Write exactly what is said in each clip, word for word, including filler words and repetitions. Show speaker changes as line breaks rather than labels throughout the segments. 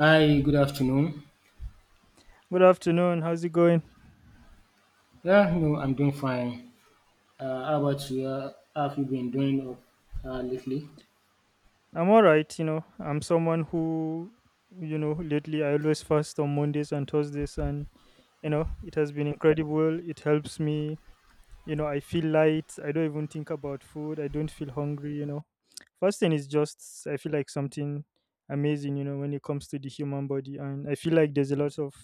Hi, good afternoon.
Good afternoon. How's it going?
Yeah, no, I'm doing fine. Uh, how about you? Uh, how have you been doing uh, lately?
I'm all right. You know, I'm someone who, you know, lately I always fast on Mondays and Thursdays, and, you know, it has been incredible. It helps me. You know, I feel light. I don't even think about food. I don't feel hungry, you know. Fasting is just, I feel like something amazing, you know, when it comes to the human body. And I feel like there's a lot of,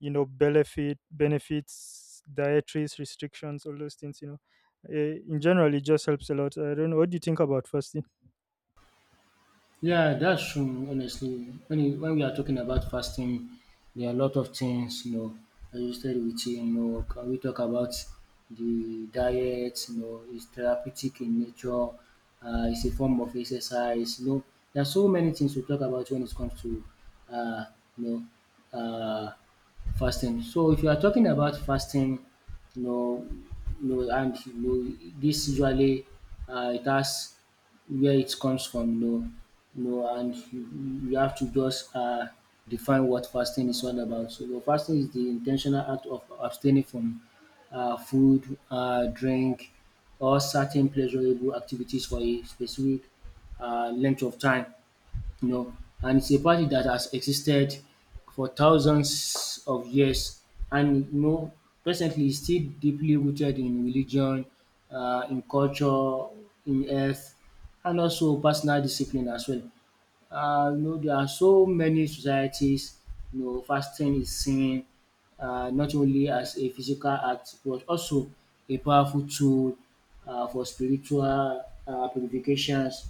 you know, benefit, benefits, dietaries, restrictions, all those things, you know. Uh, in general, it just helps a lot. I don't know. What do you think about fasting?
Yeah, that's true. Honestly, when you, when we are talking about fasting, there are a lot of things you know associated with it. You know, can we talk about the diet? You know, it's therapeutic in nature. Uh, it's a form of exercise. You know, there are so many things to talk about when it comes to uh, you know uh, fasting. So if you are talking about fasting, you know, you know, and you know, this usually uh, it has where it comes from, you know, you know, and you, you have to just uh, define what fasting is all about. So, you fasting is the intentional act of abstaining from uh, food, uh, drink, or certain pleasurable activities for a specific uh, length of time, you know, and it's a practice that has existed for thousands of years, and you know, presently it's still deeply rooted in religion, uh, in culture, in health, and also personal discipline as well. Uh, you know, there are so many societies, you know, fasting is seen uh, not only as a physical act, but also a powerful tool uh, for spiritual uh, purifications,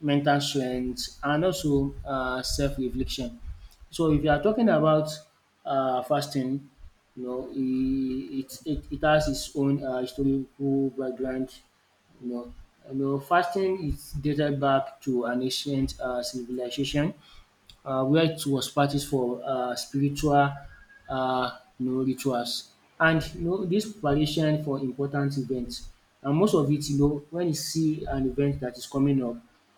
mental strength, and also uh, self-reflection. So if you are talking about uh, fasting, you know, it, it, it has its own uh, historical background, you know, you know, fasting is dated back to an ancient uh, civilization uh, where it was practiced for uh, spiritual uh, you know, rituals. And you know, this preparation for important events, and most of it, you know, when you see an event that is coming up,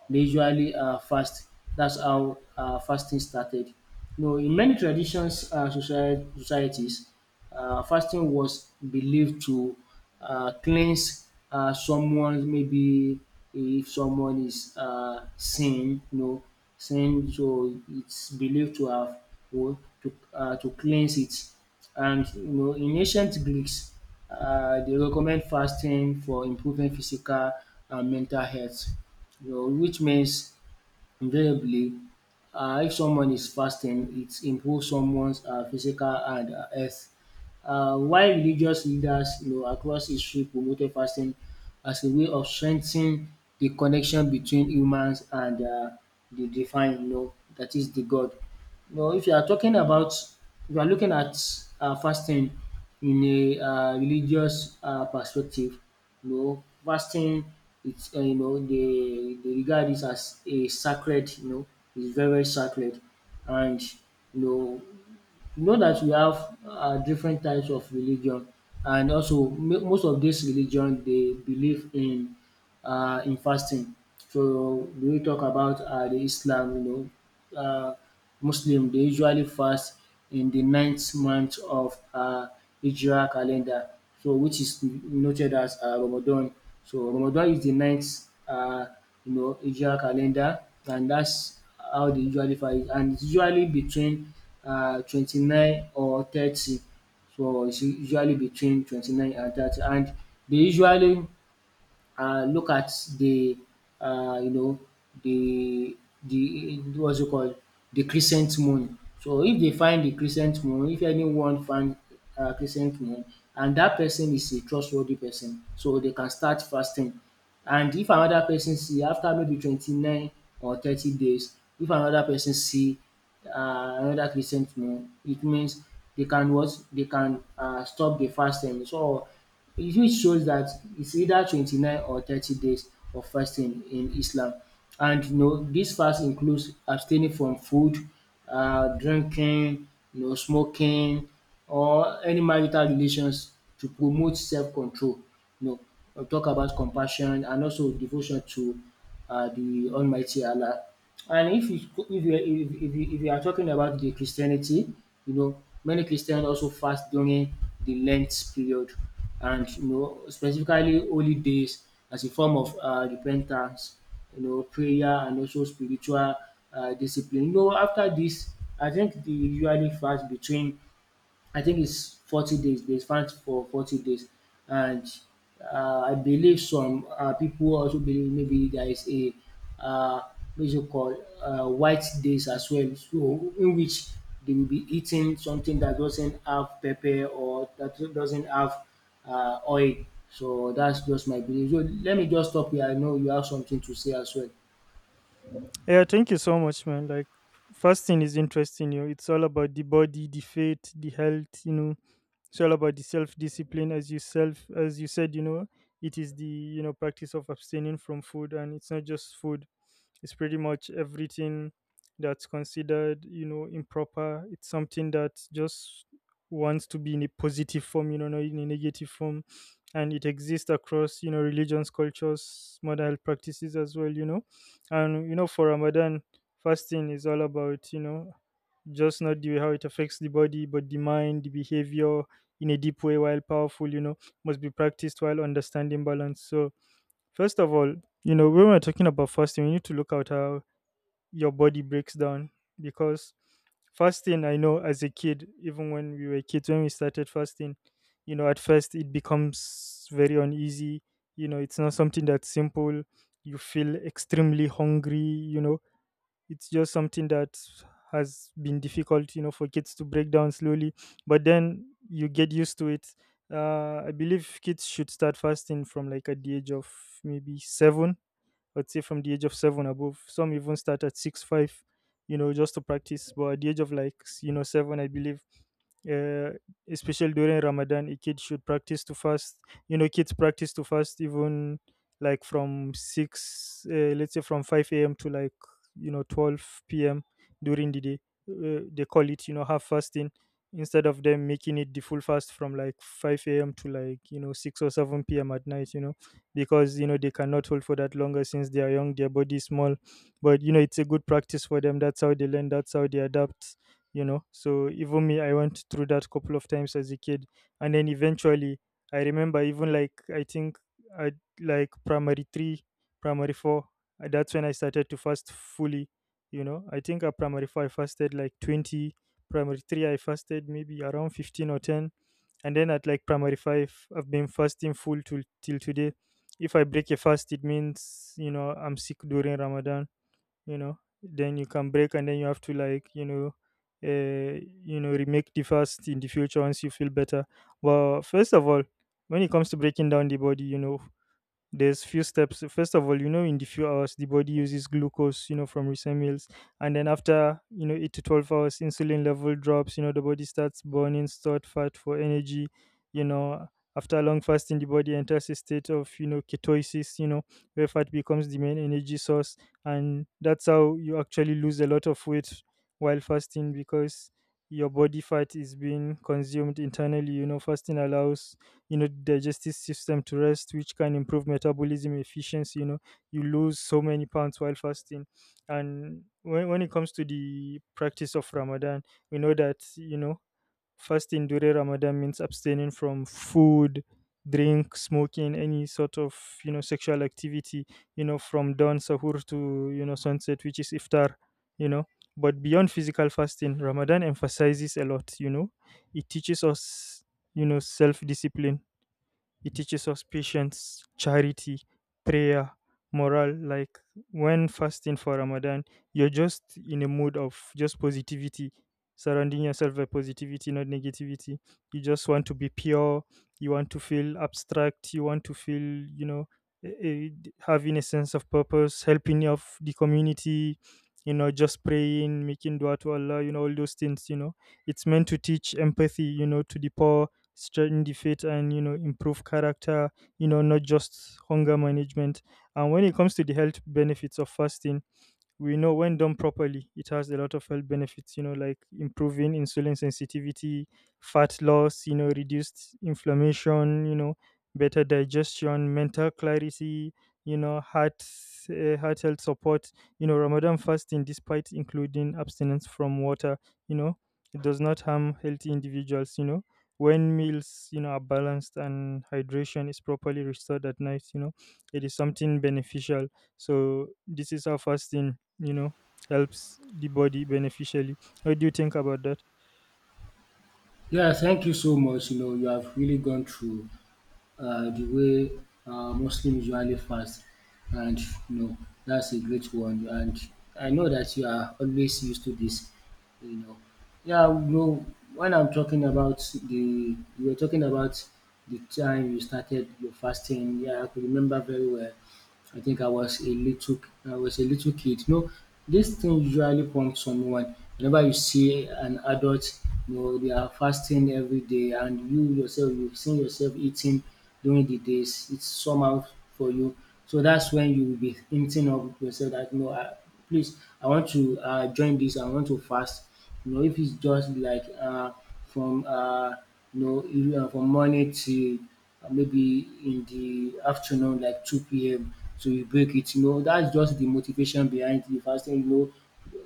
they usually uh, fast. That's how uh, fasting started. You know, in many traditions, uh, society, societies, uh, fasting was believed to uh, cleanse uh, someone. Maybe if someone is uh, sin, you know, sin, so it's believed to have you to uh, to cleanse it. And you know, in ancient greeks, uh, they recommend fasting for improving physical and mental health, you know, which means invariably, uh, if someone is fasting, it improves someone's uh, physical and uh, health. Uh, while religious leaders, you know, across history promoted fasting as a way of strengthening the connection between humans and uh, the divine, you know, that is the God. Well, if you are talking about if you are looking at um fasting in a um religious um perspective, you know, fasting, it's um you know, dey dey regard it as a sacred, you know, is very very sacred. And you know, you know that we have um different types of religion, and also mo- most of dis religion they believe in uh, in fasting. So we will talk about uh, the Islam, you know, uh, Muslim, they usually fast in the ninth month of uh, Hijrah calendar, so which is noted as uh, Ramadan. So Ramadan is the ninth, uh, you know, Hijrah calendar, and that's how they usually fast, and it's usually between uh, twenty nine or thirty. So it's usually between 29 and 30, and they usually uh, look at the uh, you know the the what's it called the crescent moon. So if they find the crescent moon, if anyone find uh, crescent moon, and that person is a trustworthy person, so they can start fasting. And if another person see after maybe twenty nine or thirty days, if another person see uh, another crescent moon, it means they can what they can uh, stop the fasting. So it which shows that it's either twenty nine or thirty days of fasting in Islam. And you know, this fast includes abstaining from food, um drinking, you know, smoking, or any marital relations to promote self control. No, uh, talk about compassion and also devotion to uh, the Almighty Allah. And if you if you if, if you if you are talking about the Christianity, you know, many Christians also fast during the Lent period, and you know, specifically holy days as a form of uh, repentance, you know, prayer, and also spiritual uh, discipline. You know, after this, I think they usually fast between, I think it's forty days. They fast for forty days. And uh, I believe some uh, people also believe maybe there is a, uh, what is it called, uh, white days as well. So, in which they will be eating something that doesn't have pepper or that doesn't have uh, oil. So, that's just my belief. So, let me just stop here. I know you have something to say as well.
Yeah, thank you so much, man. Like fasting is interesting, you know. It's all about the body, the faith, the health, you know. It's all about the self discipline as you self as you said, you know, it is the you know practice of abstaining from food, and it's not just food. It's pretty much everything that's considered, you know, improper. It's something that just wants to be in a positive form, you know, not in a negative form. And it exists across, you know, religions, cultures, modern health practices as well, you know. And, you know, for Ramadan, fasting is all about, you know, just not the how it affects the body, but the mind, the behavior in a deep way while powerful, you know, must be practiced while understanding balance. So first of all, you know, when we're talking about fasting, we need to look at how your body breaks down because fasting, I know as a kid, even when we were kids, when we started fasting, you know, at first it becomes very uneasy. You know, it's not something that's simple. You feel extremely hungry, you know, it's just something that has been difficult you know for kids to break down slowly, but then you get used to it. Uh, i believe kids should start fasting from like at the age of maybe seven. I'd say from the age of seven above. Some even start at six five, you know, just to practice. But at the age of like s- you know seven, I believe, uh, especially during Ramadan, a kid should practice to fast. You know, kids practice to fast even like from six, uh, let's say from five a m to like you know twelve p m during the day. Uh, they call it you know half fasting instead of them making it the full fast from like 5 a.m to like you know six or 7 p.m at night, you know because you know they cannot hold for that longer since they are young, their body is small. But you know it's a good practice for them. That's how they learn, that's how they adapt, you know so even me, I went through that couple of times as a kid. And then eventually I remember even like I think I like primary three, primary four, uh, that's when I started to fast fully. you know I think at primary four I fasted like twenty, primary three I fasted maybe around fifteen or ten, and then at like primary five I've been fasting full till till today. If I break a fast, it means, you know, I'm sick during Ramadan, you know, then you can break, and then you have to like, you know, uh, you know, remake the fast in the future once you feel better. Well, first of all, when it comes to breaking down the body, you know, there's few steps. First of all, you know in the few hours the body uses glucose you know from recent meals. And then after you know eight to twelve hours, insulin level drops. You know the body starts burning stored fat for energy. you know After long fasting, the body enters a state of, you know ketosis, you know where fat becomes the main energy source. And that's how you actually lose a lot of weight while fasting, because your body fat is being consumed internally. you know fasting allows, you know digestive system to rest, which can improve metabolism efficiency. you know you lose so many pounds while fasting. And when, when it comes to the practice of Ramadan, we know that you know fasting during Ramadan means abstaining from food, drink, smoking, any sort of, you know sexual activity, you know from dawn sahur to, you know sunset, which is iftar. you know but beyond physical fasting, Ramadan emphasizes a lot. you know it teaches us, you know self discipline. It teaches us patience, charity, prayer, morale. Like when fasting for Ramadan, you're just in a mood of just positivity, surrounding yourself by positivity, not negativity. You just want to be pure. You want to feel abstract. You want to feel, you know, eh, eh, d- having a sense of purpose, helping of the community, you know, just praying, making dua to Allah, you know, all those things, you know. It's meant to teach empathy, you know, to the poor, strengthen the faith, and you know improve character, you know not just hunger management. And when it comes to the health benefits of fasting, we know when done properly, it has a lot of health benefits, you know, like improving insulin sensitivity, fat loss, you know, reduced inflammation, you know, better digestion, mental clarity, you know, heart, uh, heart health support, you know, Ramadan fasting, despite including abstinence from water, you know, it does not harm healthy individuals, you know, when meals, you know, are balanced and hydration is properly restored at night, you know, it is something beneficial. So this is how fasting you know helps the body beneficially. What do you think about that?
Yeah, thank you so much. You know, you have really gone through uh, the way uh, Muslims usually fast, and you know, that's a great one. And I know that you are always used to this, you know. Yeah, you know, when I'm talking about the you were talking about the time you started your fasting. Yeah, I could remember very well. I think I was a little I was a little kid. You know, this thing usually prompts someone. Whenever you see an adult, you know, they are fasting every day, and you yourself you've seen yourself eating during the days, it's somehow for you. So that's when you will be hinting of yourself that, no, I please I want to uh, join this, I want to fast. You know, if it's just like uh, from uh, you know you- uh, from morning to uh, maybe in the afternoon, like two p m. So you break it. You know, that's just the motivation behind the fasting. You know,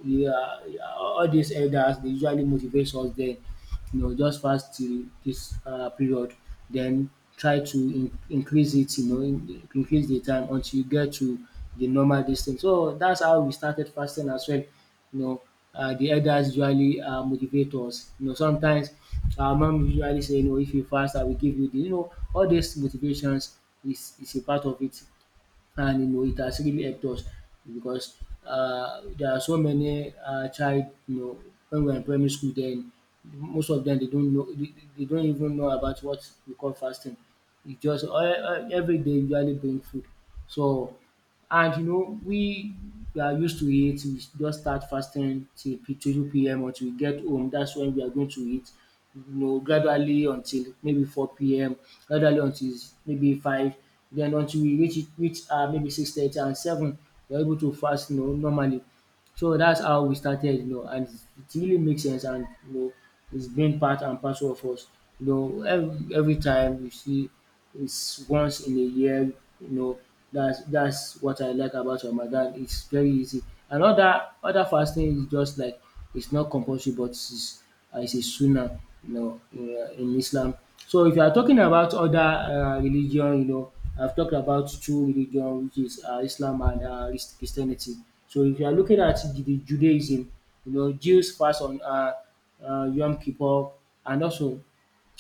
yeah, all these elders, they usually motivate us then, you know, just fast to this uh, period, then try to in- increase it, you know, in- increase the time until you get to the normal distance. So that's how we started fasting as well. You know, uh, the elders usually uh, motivate us. You know, sometimes our mom usually say, you know, if you fast, I will give you the, you know, all these motivations is, is a part of it. And you know, it has really helped us because uh, there are so many uh, child, you know, when we are in primary school then, most of them they don't know, they, they don't even know about what we call fasting. It's just uh, uh, every day usually bring food. So, and you know, we we are used to it. We just start fasting till p- two p m until we get home. That's when we are going to eat. You know, gradually until maybe four p m. Gradually until maybe five. Then until we reach it- reach uh, maybe six thirty and seven, we are able to fast. You know, normally. So that's how we started, you know, and it really makes sense. And you know, it's been part and parcel of us. You know, every, every time you see, it's once in a year, you know, that's that's what I like about Ramadan. It's very easy. And other other fasting is just like, it's not compulsory, but it's uh, is a sunnah, you know, in uh, in Islam. So if you are talking about other um religion, you know, I've talked about two religion, which is um Islam and um Christianity. So if you are looking at the the Judaism, you know, Jews fast on um um Yom Kippur, and also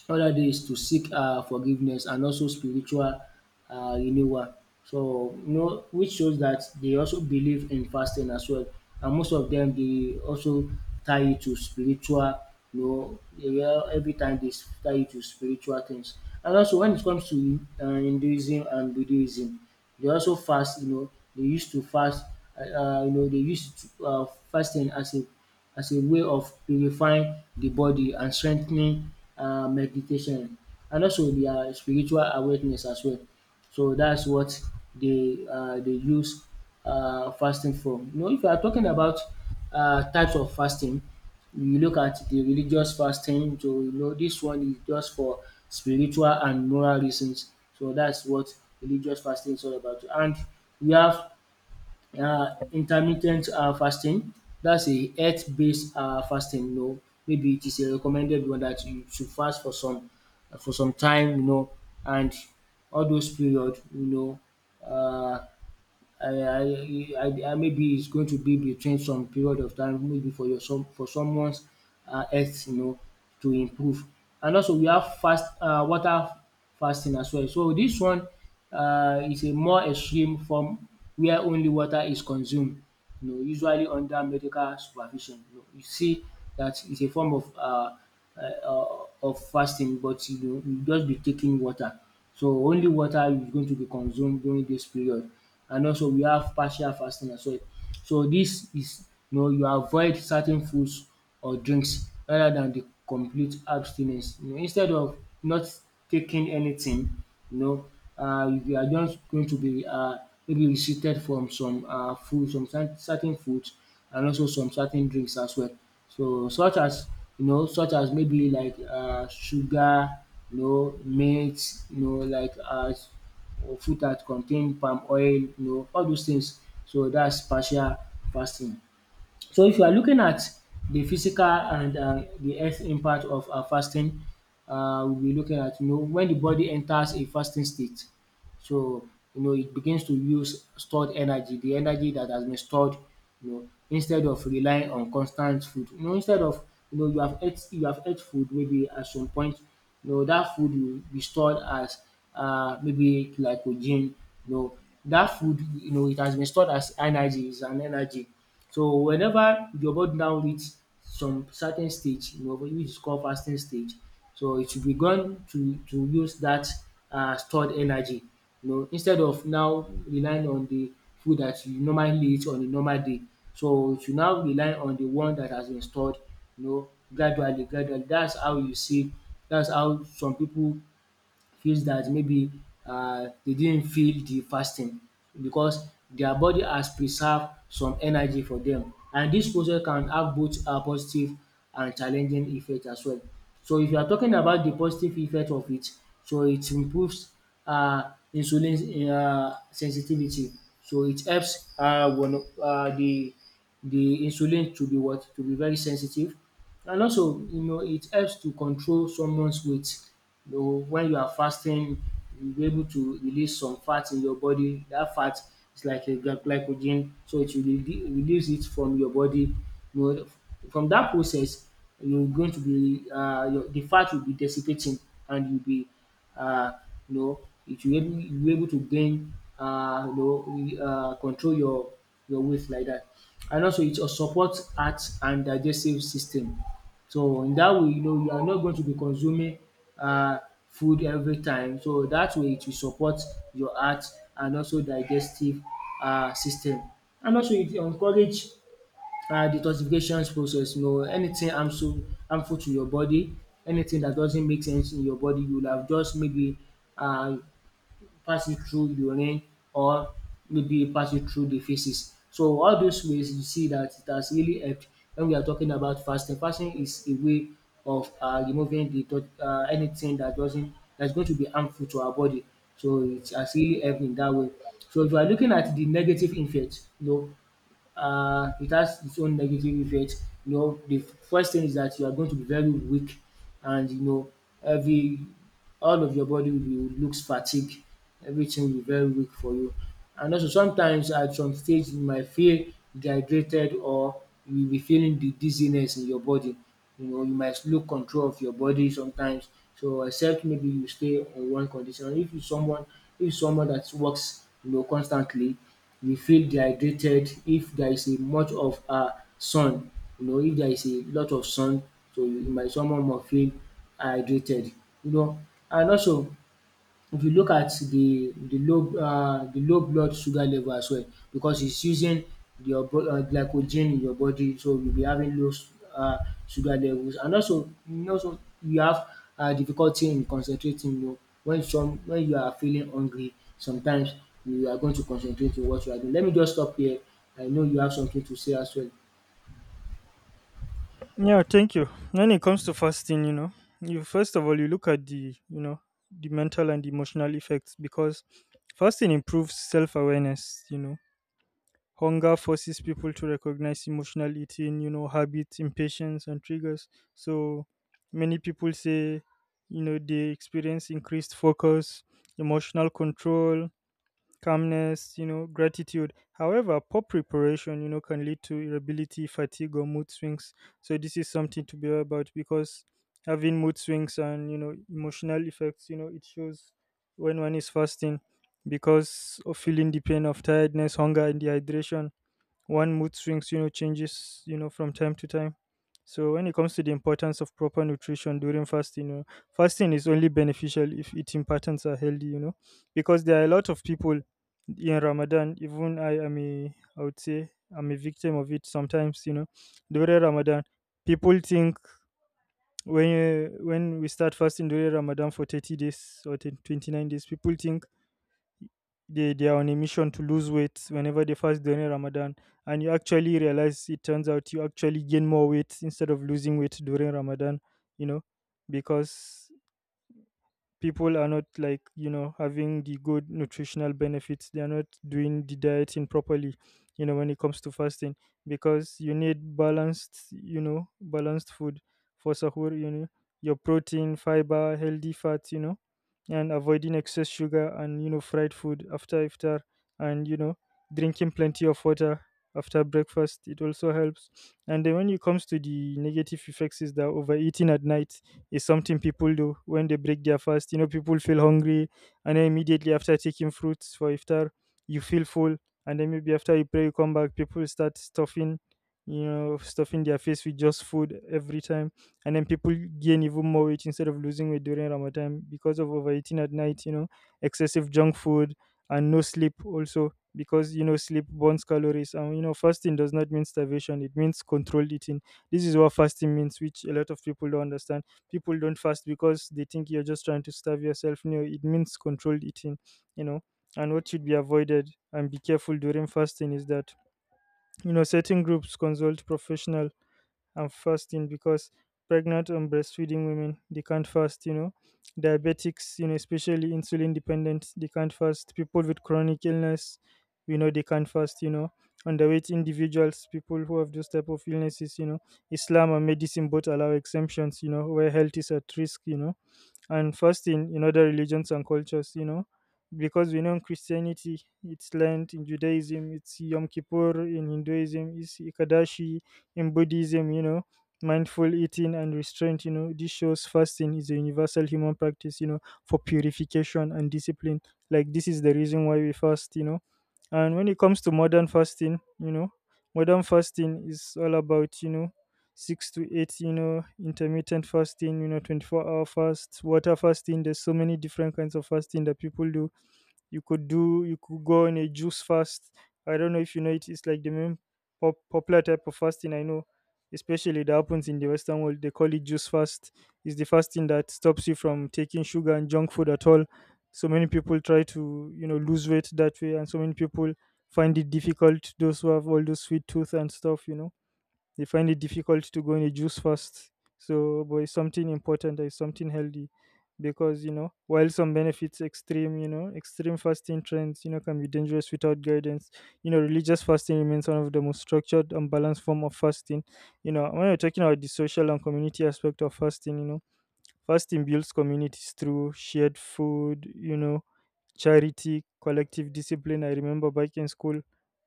all dat is to seek um forgiveness and also spiritual um renewal. So you know, which shows that they also believe in fasting as well. And most of them, they also tie it to spiritual, you know, they will- every time dey tie it to spiritual things. And also when it comes to um Hinduism and Buddhism, they also fast, you know, they used to fast, um you know, dey use um fasting as a as a way of purifying the body and strengthening uh, meditation and also their spiritual awareness as well. So that's what they uh, they use uh, fasting for. You know, if you are talking about uh, types of fasting, you look at the religious fasting, so you know, this one is just for spiritual and moral reasons. So that's what religious fasting is all about. And we have uh, intermittent uh, fasting. That's a health based uh, fasting. You know, maybe it is a recommended one that you should fast for some for some time. You know, and all those period. You know, uh, I I I I maybe it's going to be between some period of time maybe for your some for someone's um health, you know, to improve. And also we have fast um water fasting as well. So this one um is a more extreme form where only water is consumed, you know, usually under medical supervision. You know, you see that it's a form of uh, uh, uh, of fasting, but you know, you just be taking water. So only water is going to be consumed during this period. And also we have partial fasting as well. So this is you know, you avoid certain foods or drinks rather than the complete abstinence. You know, instead of not taking anything, you know, uh, you are just going to be uh, maybe restricted from some uh, food, some cer- certain foods, and also some certain drinks as well. So such as you know, such as maybe like uh, sugar, you know, meat, you know, like uh, or food that contain palm oil, you know, all those things. So that's partial fasting. So if you are looking at the physical and uh, the health impact of uh, fasting, uh, we'll be looking at you know when the body enters a fasting state, so you know it begins to use stored energy, the energy that has been stored, you know, instead of relying on constant food. You know, instead of you know you have ate you have ate food maybe at some point, you know that food will be stored as uh, maybe glycogen. You know that food you know it has been stored as energy, is an energy. So whenever your body now reach some certain stage, you know which is called fasting stage, so it should be gone to to use that um stored energy, you know instead of now relying on the food that you normally eat on a normal day. So you should now rely on the one that has been stored, you know gradually gradually That's how you see. That's how Some people feels that maybe um they didn't feel the fasting because their body has preserved some energy for them, and this process can have both um positive and challenging effect as well. So if you are talking about the positive effect of it, so it improves um insulin um sensitivity. So it helps um um the the insulin to be what? To be very sensitive, and also, you know, it helps to control someone's weight. You know, when you are fasting, you'll be able to release some fat in your body. That fat is like a gly- glycogen, so it will rele- release it from your body. You know, from that process, you're going to be uh, your, the fat will be dissipating, and you'll be uh, you know, you should be able, you be able to gain, uh, you know, uh, control your your weight like that. And also, it also supports heart and digestive system. So in that way, you know, you are not going to be consuming uh, food every time. So that way, it will support your heart and also digestive uh, system. And also, it encourage um detoxification process. You know anything harmful harmful to your body, anything that doesn't make sense in your body you will have just maybe um pass it through urine or maybe pass it through the faeces. So all those ways you see that it has really helped when we are talking about fasting. Fasting is a way of um removing the tot um anything that doesn't that is going to be harmful to our body. So it has really helped in that way. So if you are looking at the negative effect, you know uh, it has its own negative effect. You know, the f- first thing is that you are going to be very weak, and you know, every all of your body will be looks fatigued. Everything will be very weak for you. And also, sometimes at some stage you might feel dehydrated, or you will be feeling the dizziness in your body. You know, you might lose control of your body sometimes. So except maybe you stay on one condition. If you someone if someone that works, you know, constantly, you feel dehydrated if there is a much of um sun, you know, if there is a lot of sun, so you might someone might feel hydrated, you know. And also, if you look at the the low uh the low blood sugar level as well, because it's using your bo- uh, glycogen in your body, so you'll be having low s- uh sugar levels, and also you also you have um difficulty in concentrating, you know, when some when you are feeling hungry sometimes, you are going to concentrate in what you are doing. Let me just stop here. I know you have something to say as well.
Yeah, thank you. When it comes to fasting, you know you first of all you look at the, you know the mental and emotional effects, because fasting improves self-awareness. you know hunger forces people to recognize emotional eating, you know habits, impatience, and triggers. So many people say you know they experience increased focus, emotional control, calmness, you know, gratitude. However, poor preparation, you know, can lead to irritability, fatigue, or mood swings. So this is something to be aware about, because having mood swings and you know emotional effects, you know, it shows when one is fasting because of feeling the pain of tiredness, hunger, and dehydration, one mood swings, you know changes, you know from time to time. So when it comes to the importance of proper nutrition during fasting, you know, fasting is only beneficial if eating patterns are healthy. you know because there are a lot of people in Ramadan, even i am a I would say I'm a victim of it sometimes. you know during Ramadan people think when you, when we start fasting during Ramadan for thirty days or ten twenty-nine days, people think they they are on a mission to lose weight whenever they fast during Ramadan, and you actually realize it turns out you actually gain more weight instead of losing weight during Ramadan, you know, because people are not like you know having the good nutritional benefits, they are not doing the dieting properly, you know when it comes to fasting, because you need balanced, you know balanced food for sahur. you know your protein, fiber, healthy fats, you know and avoiding excess sugar and you know fried food after iftar. And you know drinking plenty of water after breakfast it also helps. And then when it comes to the negative effects is that overeating at night is something people do when they break their fast. You know, people feel hungry, and then immediately after taking fruits for iftar, you feel full, and then maybe after you pray, you come back, people start stuffing, you know, stuffing their face with just food every time, and then people gain even more weight instead of losing weight during Ramadan because of overeating at night. You know, excessive junk food and no sleep also, because you know sleep burns calories. And you know fasting does not mean starvation, it means controlled eating. This is what fasting means, which a lot of people don't understand. People don't fast because they think you're just trying to starve yourself. No, it means controlled eating, you know. And what should be avoided and be careful during fasting is that, you know, certain groups consult professional and fasting because pregnant and breastfeeding women, they can't fast, you know. Diabetics, you know, especially insulin dependent, they can't fast. People with chronic illness, you know, they can't fast, you know. Underweight individuals, people who have those type of illnesses, you know. Islam and medicine both allow exemptions, you know, where health is at risk, you know. And fasting in in other religions and cultures, you know, because we know in Christianity it's Lent, in Judaism it's Yom Kippur, in Hinduism it's Ikadashi, in Buddhism, you know, mindful eating and restraint, you know, this shows fasting is a universal human practice, you know, for purification and discipline. Like, this is the reason why we fast, you know. And when it comes to modern fasting, you know, modern fasting is all about, you know, six to eight, you know, intermittent fasting, you know, twenty-four hour fast, water fasting. There's so many different kinds of fasting that people do. You could do, you could go on a juice fast. I don't know if you know it, it's like the main pop, popular type of fasting I know, especially that happens in the Western world. They call it juice fast. It's the fasting that stops you from taking sugar and junk food at all. So many people try to, you know, lose weight that way, and so many people find it difficult. Those who have all those sweet tooth and stuff, you know, they find it difficult to go in a juice fast. So, but it's something important, it's something healthy, because you know, while some benefits extreme, you know, extreme fasting trends, you know, can be dangerous without guidance. You know, religious fasting remains one of the most structured and balanced form of fasting. You know, when we're talking about the social and community aspect of fasting, you know, fasting builds communities through shared food, you know, charity, collective discipline. I remember back in school,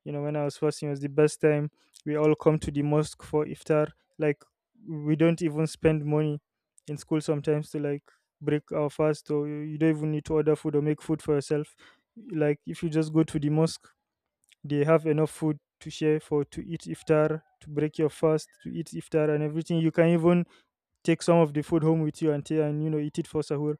you know, when I was first, it was the best time. We all come to the mosque for iftar. Like, we don't even spend money in school sometimes to, like, break our fast, or you you don't even need to order food or make food for yourself. Like, if you just go to the mosque, they have enough food to share for to eat iftar, to break your fast, to eat iftar and everything. You can even take some of the food home with you and, ta- and you know eat it for sahur.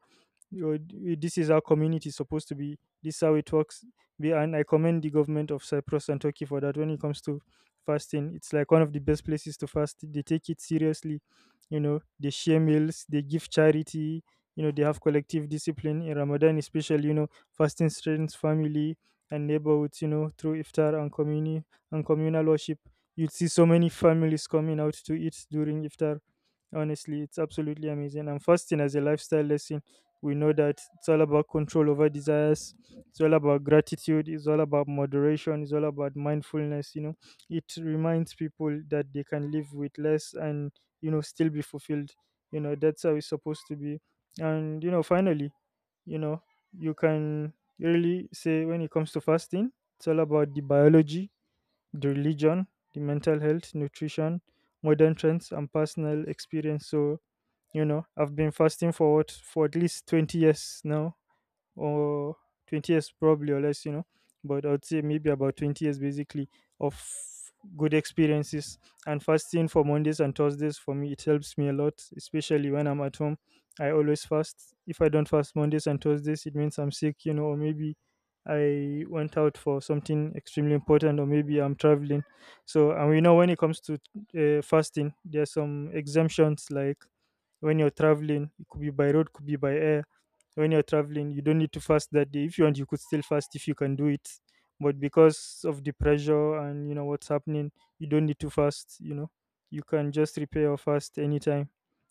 Yo, d- this is how community is supposed to be. This is how it works. Be- And I commend the government of Cyprus and Turkey for that when it comes to fasting. It's like one of the best places to fast. They take it seriously. You know, they share meals, they give charity, you know, they have collective discipline. In Ramadan, especially, you know, fasting strengthens family and neighborhoods, you know, through iftar and communi- and communal worship. You'd see so many families coming out to eat during iftar. Honestly, it's absolutely amazing. And fasting as a lifestyle lesson, we know that it's all about control over desires, it's all about gratitude, it's all about moderation, it's all about mindfulness, you know. It reminds people that they can live with less and, you know, still be fulfilled. You know, that's how it's supposed to be. And you know, finally, you know, you can really say when it comes to fasting, it's all about the biology, the religion, the mental health, nutrition, modern trends and personal experience. So you know, I've been fasting for what, for at least twenty years now, or twenty years probably or less, you know, but I would say maybe about twenty years, basically, of good experiences. And fasting for Mondays and Thursdays, for me, it helps me a lot, especially when I'm at home. I always fast. If I don't fast Mondays and Thursdays, it means I'm sick, you know, or maybe I went out for something extremely important, or maybe I'm traveling. So, and we know when it comes to uh, fasting, there are some exemptions, like when you're traveling, it could be by road, could be by air. When you're traveling, you don't need to fast that day. If you want, you could still fast if you can do it, but because of the pressure and you know what's happening, you don't need to fast, you know. You can just repair or fast anytime,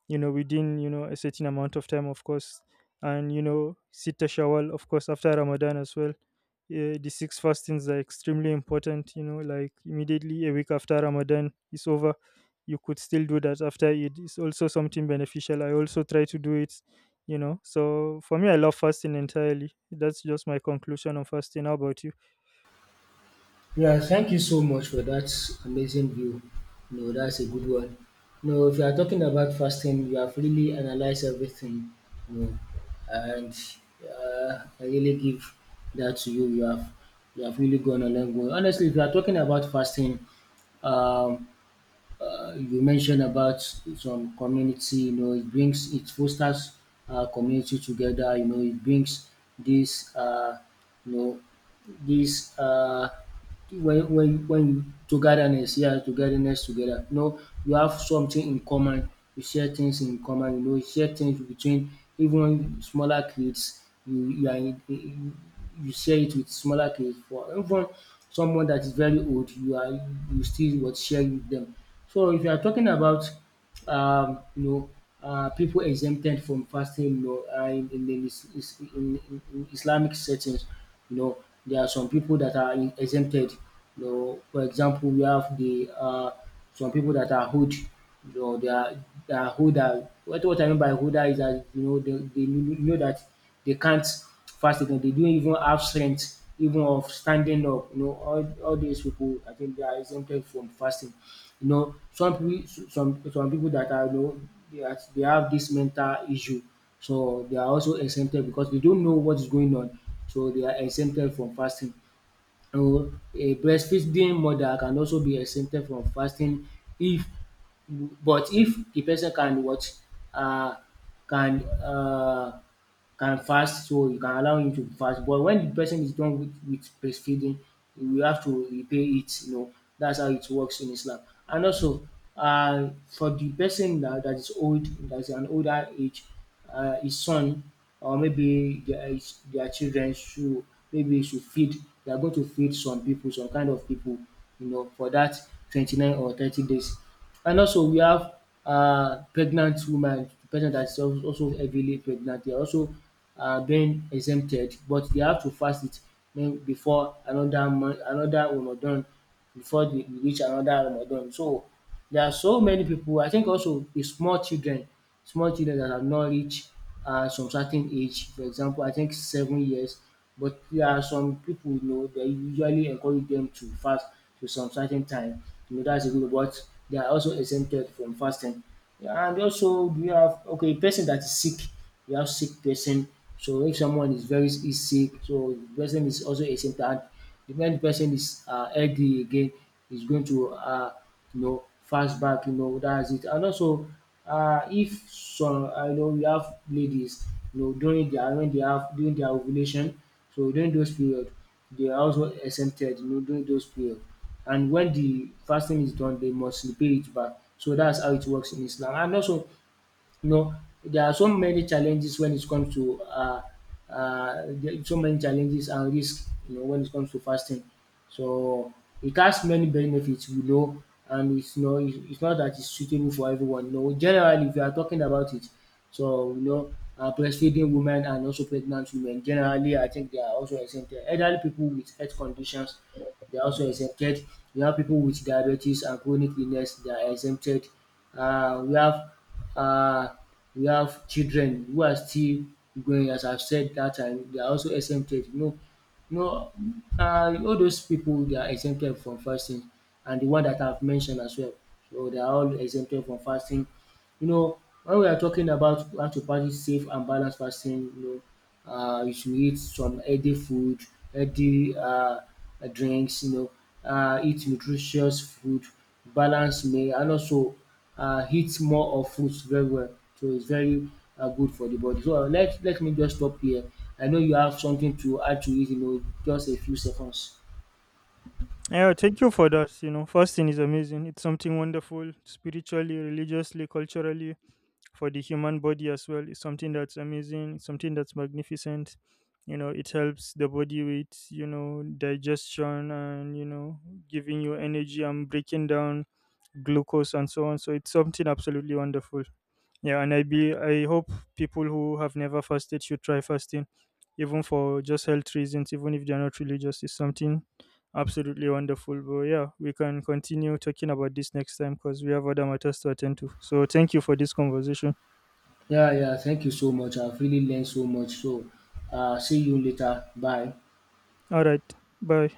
you know, within, you know, a certain amount of time, of course. And you know, sita shawwal, of course, after Ramadan as well, uh, the six fastings are extremely important, you know, like immediately a week after Ramadan is over, you could still do that after. It is also something beneficial, I also try to do it, you know. So for me, I love fasting entirely. That's just my conclusion on fasting. How about you?
Yeah, thank you so much for that amazing view. No, that's a good one. No, if you are talking about fasting, you have really analyzed everything. No, and uh, I really give that to you. You have you have really gone a long way. Honestly, if you are talking about fasting, um, uh, you mentioned about some community. You know, it brings, it fosters uh, community together. You know, it brings this uh, you know this. Uh, when when when you togetherness, yes, togetherness together, you know, you have something in common, you share things in common, you know, you share things between even smaller kids, you you are in in- you share it with smaller kids, for even someone that is very old, you are you still what share with them. So if you are talking about um, you know, uh, people exempted from fasting, you know, uh, in, in, the is- is- in, in, in Islamic settings, you know, there are some people that are in- exempted. You know, for example, we have the uh, some people that are hood, you know, they are they are huda. What what I mean by huda is that, you know, they, they kn- know that they can't fast again. They don't even have strength even of standing up. You know, all, all these people, I think they are exempted from fasting. You know, some people, some some people that are, you know, they, are, they have this mental issue, so they are also exempted because they don't know what is going on, so they are exempted from fasting. You know, a breastfeeding mother can also be exempted from fasting if but if the person can what, uh, can uh, can fast, so you can allow him to fast, but when the person is done with with breastfeeding, you have to repay it, you know, that's how it works in Islam. And also, uh, for the person that that is old, that is an older age, uh, his son, or maybe their his their children should, maybe should feed they are going to feed some people, some kind of people. you know for that twenty nine or thirty days. And also we have um pregnant woman, person that is al- also heavily pregnant, they are also um being exempted, but they have to fast it um before another month, another Ramadan, before they reach another Ramadan. So there are so many people. I think also the small children, small children that have not reached um some certain age, for example, I think seven years, but there are some people, you know They usually encourage them to fast to some certain time, you know, that's a rule, but they are also exempted from fasting. Yeah. And also, do you have, okay, person that is sick, you have sick person, so if someone is very is sick, so the person is also exempted, and if when the person is uh healthy again, is going to uh you know fast back, you know, that's it. And also, uh, if some I know we have ladies, you know, during their when they have during their ovulation, so during those period they are also exempted, you know, during those period, and when the fasting is done they must repay it back, so that's how it works in Islam. And also, you know, there are so many challenges when it comes to uh, uh, there- so many challenges and risk. You know, when it comes to fasting, so it has many benefits. You know, and it's not it's not that it's suitable for everyone. You know, generally, if you are talking about it, so, you know, uh, breastfeeding women and also pregnant women generally, I think they are also exempted. Elderly people with health conditions, they are also exempted. We have people with diabetes and chronic illness. They are exempted. Uh, we have uh, we have children who are still growing. As I've said that time, they are also exempted. You know, you know, uh, all those people, they are exempted from fasting, and the one that I've mentioned as well. So they are all exempted from fasting. You know, when we are talking about how to practice safe and balanced fasting, you know, uh, you should eat some healthy food, healthy uh, drinks, you know, uh, eat nutritious food, balance meal, and also uh, eat more of fruits very well. So it's very uh, good for the body. So, uh, let let me just stop here. I know you have something to add to it, you know, just a few seconds.
Yeah, thank you for that. You know, fasting is amazing, it's something wonderful, spiritually, religiously, culturally, for the human body as well. Is something that's amazing, it's something that's magnificent. You know, it helps the body with, you know, digestion and, you know, giving you energy and breaking down glucose and so on. So it's something absolutely wonderful. Yeah, and I be I hope people who have never fasted should try fasting, even for just health reasons, even if they're not religious. It's something absolutely wonderful. But yeah, we can continue talking about this next time because we have other matters to attend to. So thank you for this conversation.
Yeah, yeah. Thank you so much. I've really learned so much. So, uh, see you later. Bye.
All right. Bye.